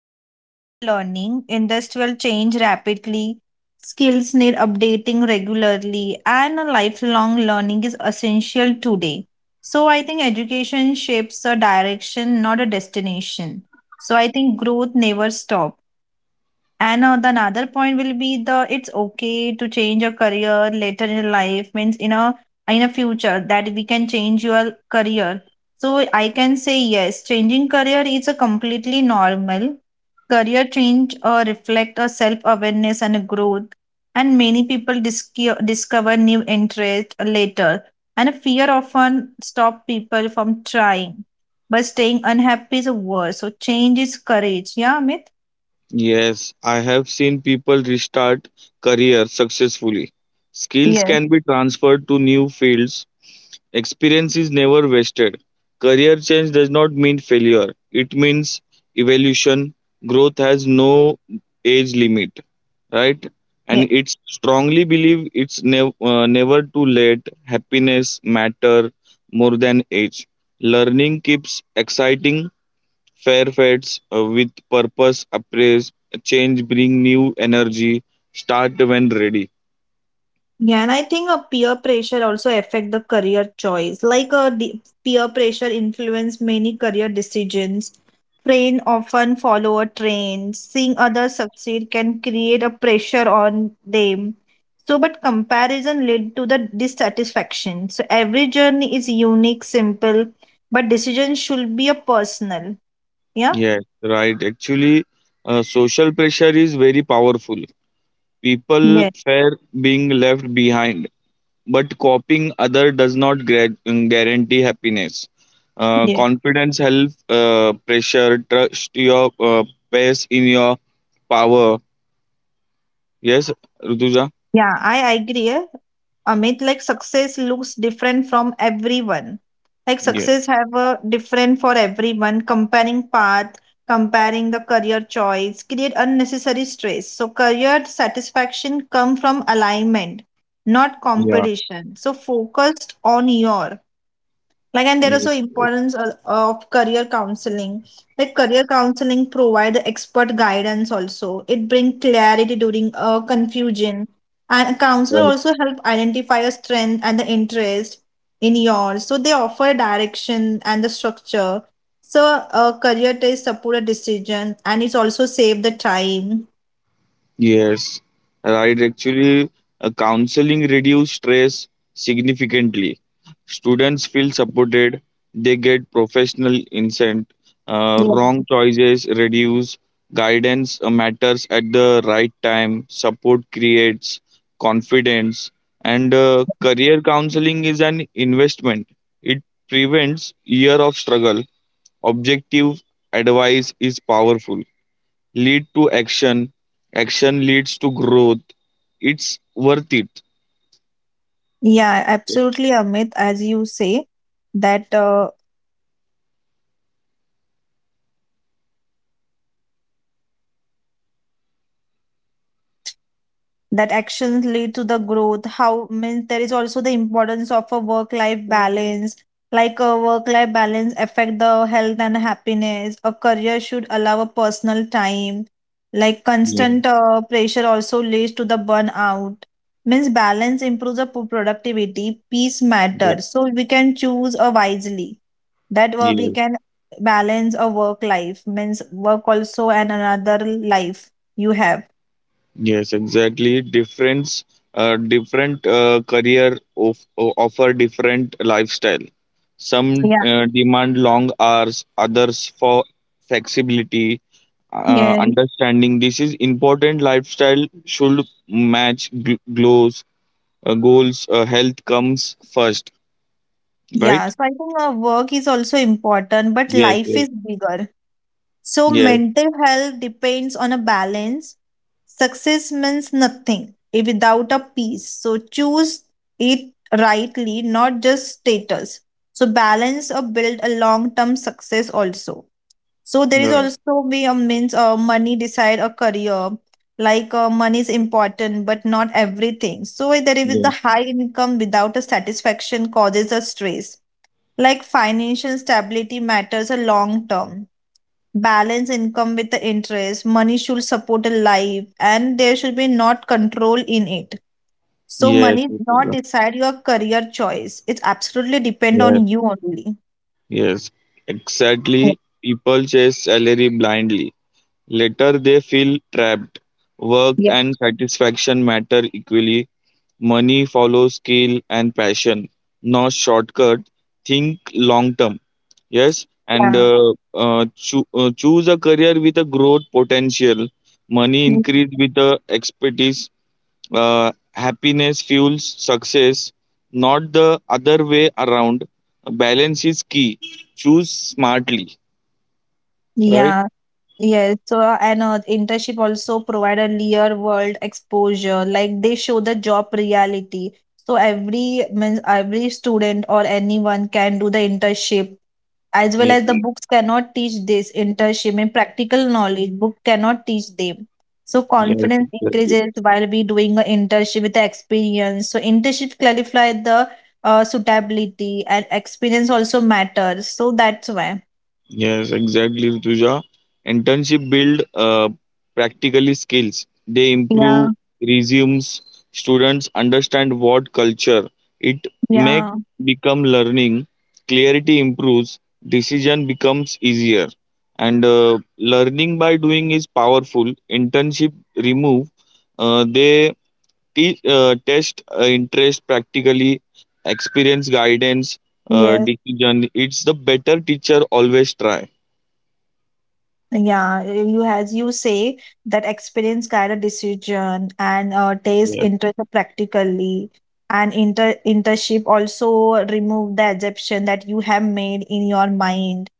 as a final learning. Industrial change rapidly, skills need updating regularly, and a lifelong learning is essential today. So, I think education shapes a direction, not a destination. So, I think growth never stops. And the another point will be the it's okay to change your career later in life means in a future that we can change your career. So I can say yes, changing career is a completely normal. Career change reflect a self awareness and a growth, and many people discover new interest later. And a fear often stop people from trying, but staying unhappy is worse. So change is courage. Yeah, Amit. Yes, I have seen people restart careers successfully. Skills Yes, can be transferred to new fields. Experience is never wasted. Career change does not mean failure. It means evolution. Growth has no age limit, right? And it's strongly believe it's never too late. Happiness matter more than age. Learning keeps exciting. Fair fades with purpose, appraise, change, bring new energy, start when ready. yeah, and I think a peer pressure also affect the career choice. Like a peer pressure influence many career decisions. Friend often follow a trend. Seeing others succeed can create a pressure on them. So, but comparison lead to the dissatisfaction. So every journey is unique, simple, but decision should be a personal. Yeah. Yes, right. Actually, social pressure is very powerful. People Yes, fear being left behind, but copying other does not guarantee happiness. Yes. Confidence, health, pressure, trust your pace in your power. Yes, Rutuja? Yeah, I agree. Eh. Amit, like success looks different from everyone. Like Yeah. success have a different for everyone. Comparing path, comparing the career choice, create unnecessary stress. So career satisfaction come from alignment, not Yeah. competition. So focused on your like, and there is Yes. so importance of career counseling, like career counseling provide expert guidance, also it bring clarity during confusion, and a counselor also help identify a strength and the interest in yours, so they offer direction and the structure. So a career test support a decision and it's also save the time. Yes, right. Actually, counseling reduce stress significantly. Students feel supported. They get professional insight. Yeah, Wrong choices reduce. Guidance matters at the right time. Support creates confidence. And career counseling is an investment. It prevents year of struggle. Objective advice is powerful lead to action, action leads to growth. It's worth it. yeah, absolutely Amit, as you say that that actions lead to the growth. How means there is also the importance of a work life balance. Like a work life balance affect the health and happiness. A career should allow a personal time, like Yes. constant pressure also leads to the burnout. Means balance improves the productivity. Peace Yes, matters, so we can choose wisely, that yeah. we can balance a work life, means work also and another life you have. Yes, exactly. Difference, different career of, o- offer different lifestyle. Some Yeah. Demand long hours, others for flexibility. Yes. Understanding this is important. Lifestyle should match goals. Health comes first, Yeah, right? so I think work is also important, but Yes. life Yes. is bigger. So Yes. mental health depends on a balance. Success means nothing if without a peace. So choose it rightly, not just status. So balance or build a long-term success also. So there is Right. also be a means money decide a career. Like money is important, but not everything. So there is the high income without a satisfaction causes a stress. Like financial stability matters a long term. Balance income with the interest. Money should support a life and there should be not control in it. So Yes, money yes, not yes, decide your career choice. It's absolutely depend yes, on you only. yes, exactly. People chase salary blindly. Later, they feel trapped. Work Yeah. and satisfaction matter equally. Money follows skill and passion, not shortcut. Think long term. Yes, and Yeah. Choose a career with a growth potential. Money increase Mm. with the expertise, happiness fuels success, not the other way around. Balance is key. Choose smartly, right? Yeah, yes. So, and internship also provide a real world exposure. Like they show the job reality. So every means every student or anyone can do the internship, as well Yeah. as the books cannot teach this internship and practical knowledge. Book cannot teach them, so Yes. confidence increases while we doing an internship with the experience. So internship clarify the suitability, and experience also matters, so that's why. Yes, exactly, Rituja. Internship build practically skills. They Yeah, improve resumes. Students understand what culture. It make yeah, become learning. Clarity improves. Decision becomes easier. And learning by doing is powerful. Internship remove. They test interest practically. Experience guidance. Yes. Decision. It's the better teacher, always try. Yeah, you as you say that experience guide a decision and taste Yeah, interest practically, and internship also remove the assumption that you have made in your mind,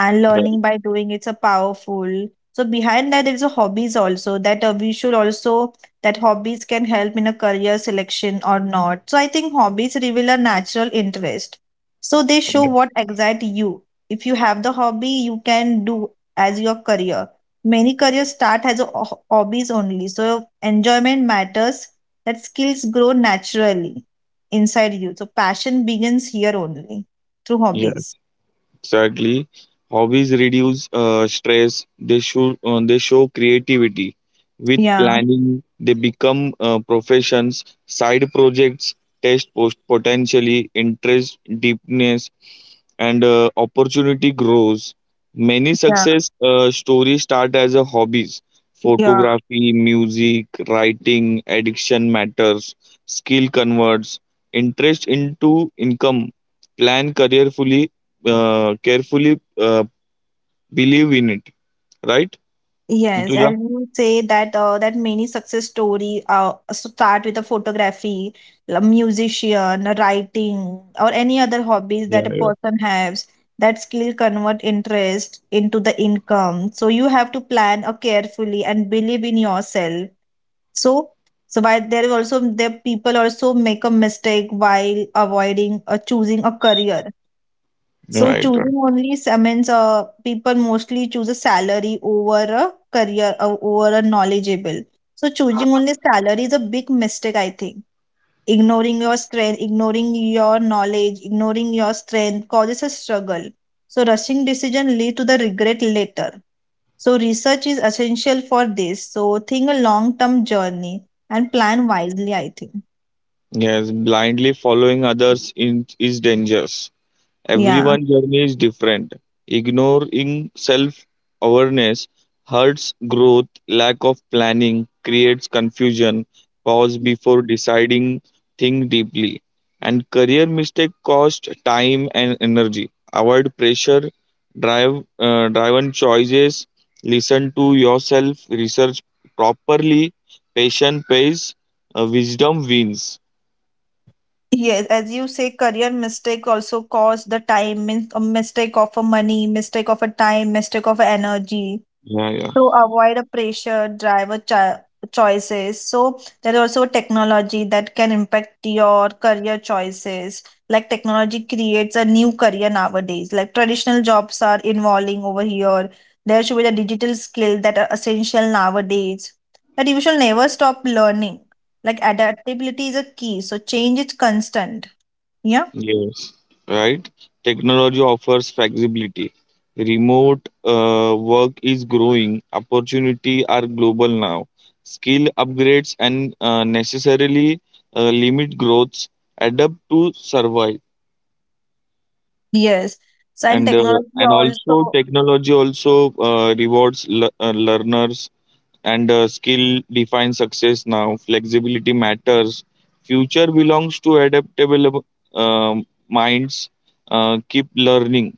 and right, learning by doing it's a powerful. So behind that is a hobbies also, that we should also, that hobbies can help in a career selection or not. So I think hobbies reveal a natural interest. So they show right. what excites you. If you have the hobby, you can do as your career. Many careers start as a hobbies only, so enjoyment matters, that skills grow naturally inside you. So passion begins here only through Yeah, hobbies. exactly. Hobbies reduce stress. They show creativity. With Yeah, planning, they become professions, side projects, test post potentially interest deepness, and opportunity grows. Many yeah, success stories start as a hobbies. yeah. Photography, music, writing, addiction matters, skill converts interest into income, plan career fully carefully, believe in it, right, Yes, Rituja? as you say that that many success story so start with a photography, a musician, a writing, or any other hobbies Yeah, that a yeah, person has. That skill convert interest into the income. So you have to plan carefully and believe in yourself. So so while there is also the people also make a mistake while avoiding choosing a career, so right, right. choosing only means people mostly choose a salary over a career or over a knowledgeable. So choosing only salary is a big mistake, I think. Ignoring your strength, ignoring your knowledge, ignoring your strength causes a struggle. So rushing decision lead to the regret later. So research is essential for this. So think a long term journey and plan wisely, I think. Yes, blindly following others in, is dangerous. Yeah. Everyone's journey is different. Ignoring self awareness hurts growth, lack of planning creates confusion, pause before deciding, think deeply. And career mistake cost time and energy. Avoid pressure, driven choices, listen to yourself, research properly, patient pays, wisdom wins. Yes, as you say, career mistake also cause the time, means a mistake of a money, mistake of a time, mistake of a energy. Yeah, yeah. So avoid a pressure, driver choices. So there is also technology that can impact your career choices. Like technology creates a new career nowadays. Like traditional jobs are evolving over here. There should be the digital skill that are essential nowadays. That you should never stop learning. Like adaptability is a key. So change is constant. Yeah. Yes. Right? Technology offers flexibility. Remote work is growing. Opportunity are global now. Skill upgrades and necessarily limit growths adapt to survive. Yes. So and And uh, technology and also, also technology also rewards learners and skill defines success now. Flexibility matters. Future belongs to adaptable minds. Keep learning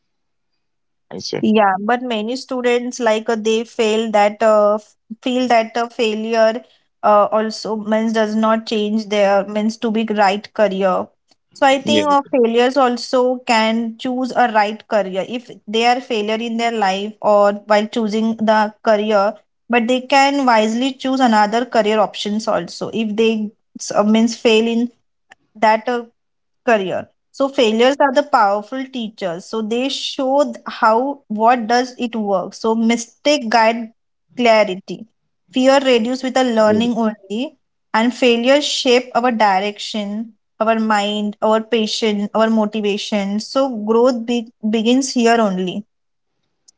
I say, yeah, but many students like they fail that feel that failure also means does not change their means to be right career. So I yeah, think failures also can choose a right career if they are failure in their life or while choosing the career, but they can wisely choose another career options also if they means fail in that career. So failures are the powerful teachers, so they show how what does it work. So mistake guide clarity. Fear reduce with the yeah, learning only, and failures shape our direction, our mind, our patience, our motivation. So growth begins here only,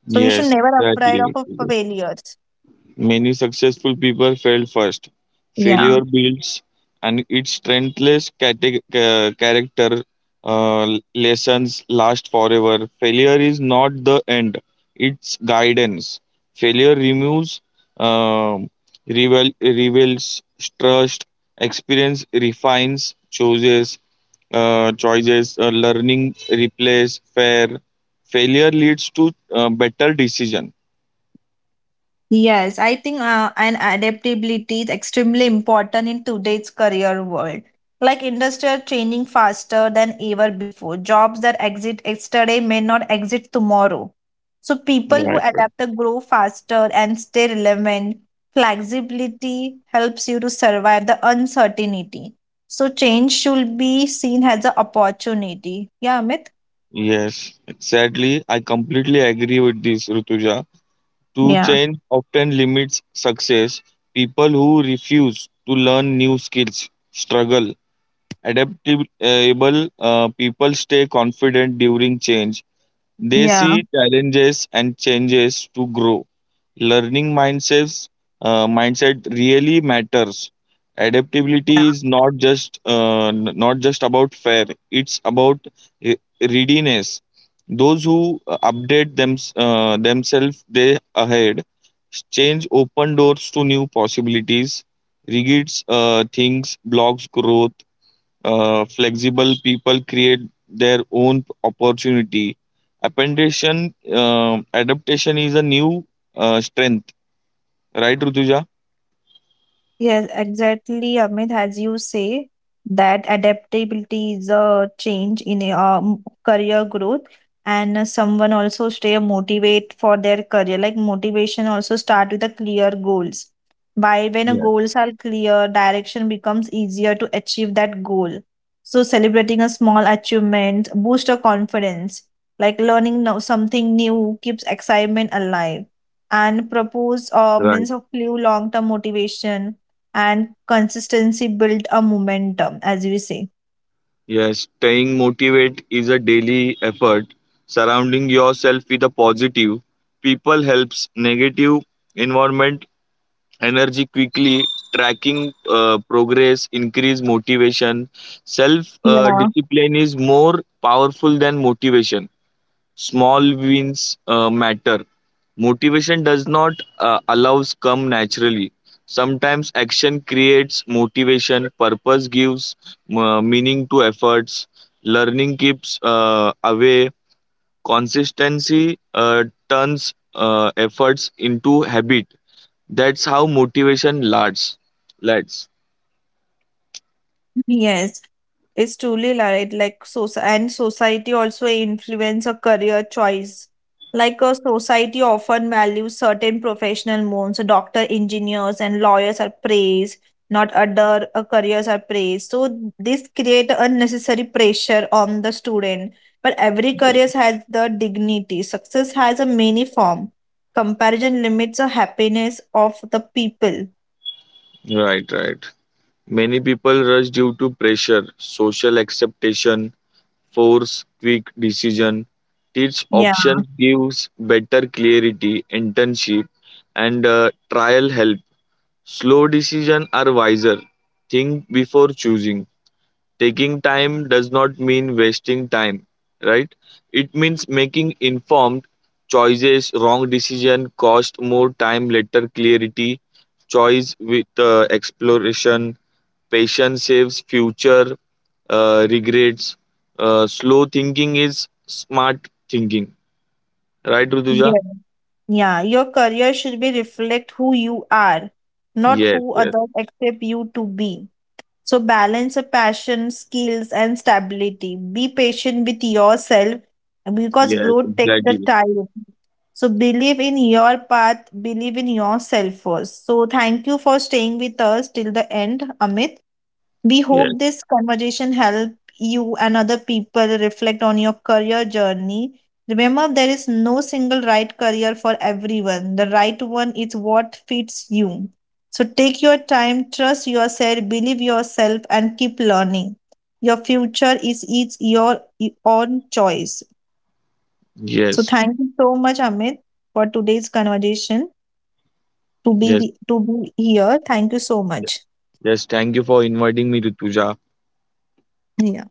so you should yes, never afraid of exactly. a failures. Many successful people failed first. Yeah. Failure builds and its strengthless character, lessons last forever. Failure is not the end, it's guidance. Failure removes, um reveals trust, experience refines, chooses, choices, learning replace, fair. Failure leads to better decision. Yes, I think an adaptability is extremely important in today's career world. Like industry are changing faster than ever before. Jobs that exist yesterday may not exist tomorrow. So people Right. who adapt to grow faster and stay relevant. Flexibility helps you to survive the uncertainty. So change should be seen as an opportunity. Yeah, Amit? Yes, sadly, I completely agree with this, Rutuja. To Yeah. change often limits success. People who refuse to learn new skills struggle. Adaptable people stay confident during change. They Yeah. see challenges and changes to grow, learning mindsets mindset really matters, adaptability is not just not just about fair, it's about readiness. Those who update themselves they ahead, change open doors to new possibilities, rigid things blocks growth, flexible people create their own opportunity. Appendation adaptation is a new strength. Right, Rutuja? Yes, exactly, Amit, as you say, that adaptability is a change in a career growth, and someone also stay motivate for their career. Like motivation also start with the clear goals. By when a Yes, goals are clear, direction becomes easier to achieve that goal. So celebrating a small achievement boost your confidence. Like learning now something new keeps excitement alive and propose right. means of new long-term motivation, and consistency build a momentum as we say. Yes, staying motivated is a daily effort. Surrounding yourself with a positive people helps negative environment energy quickly. Tracking progress increase motivation. Self Yeah. discipline is more powerful than motivation. Small wins matter. Motivation does not allows come naturally. Sometimes action creates motivation, purpose gives meaning to efforts, learning keeps away, consistency turns efforts into habit. That's how motivation lasts. Lasts. Yes. It's truly right. Like so, and society also influence a career choice. Like a society often values certain professional modes. So doctor, engineers, and lawyers are praised. Not other careers are praised. So this create unnecessary pressure on the student. But every career has the dignity. Success has a many form. Comparison limits the happiness of the people. Right, right. Many people rush due to pressure, social expectation force quick decision. This Yeah. option gives better clarity, internship, and trial help. Slow decision are wiser. Think before choosing. Taking time does not mean wasting time, right? It means making informed choices. Wrong decision cost more time, later clarity. Choice with exploration, patience saves future regrets. Slow thinking is smart thinking, right, Ruduja? Yes. Yeah, your career should be reflect who you are, not Yes, who yes, others accept you to be. So balance your passion, skills, and stability. Be patient with yourself because yes, growth takes the exactly. time. So believe in your path, believe in yourself first. So thank you for staying with us till the end, Amit. We Yes, hope this conversation help you and other people reflect on your career journey. Remember, there is no single right career for everyone. The right one is what fits you. So take your time, trust yourself, believe yourself, and keep learning. Your future is each your own choice. So yes, thank you so much, Amit, for today's conversation. To yes, be yes. to be here. Thank you so much. Yes, thank you for inviting me, Rutuja. Yeah.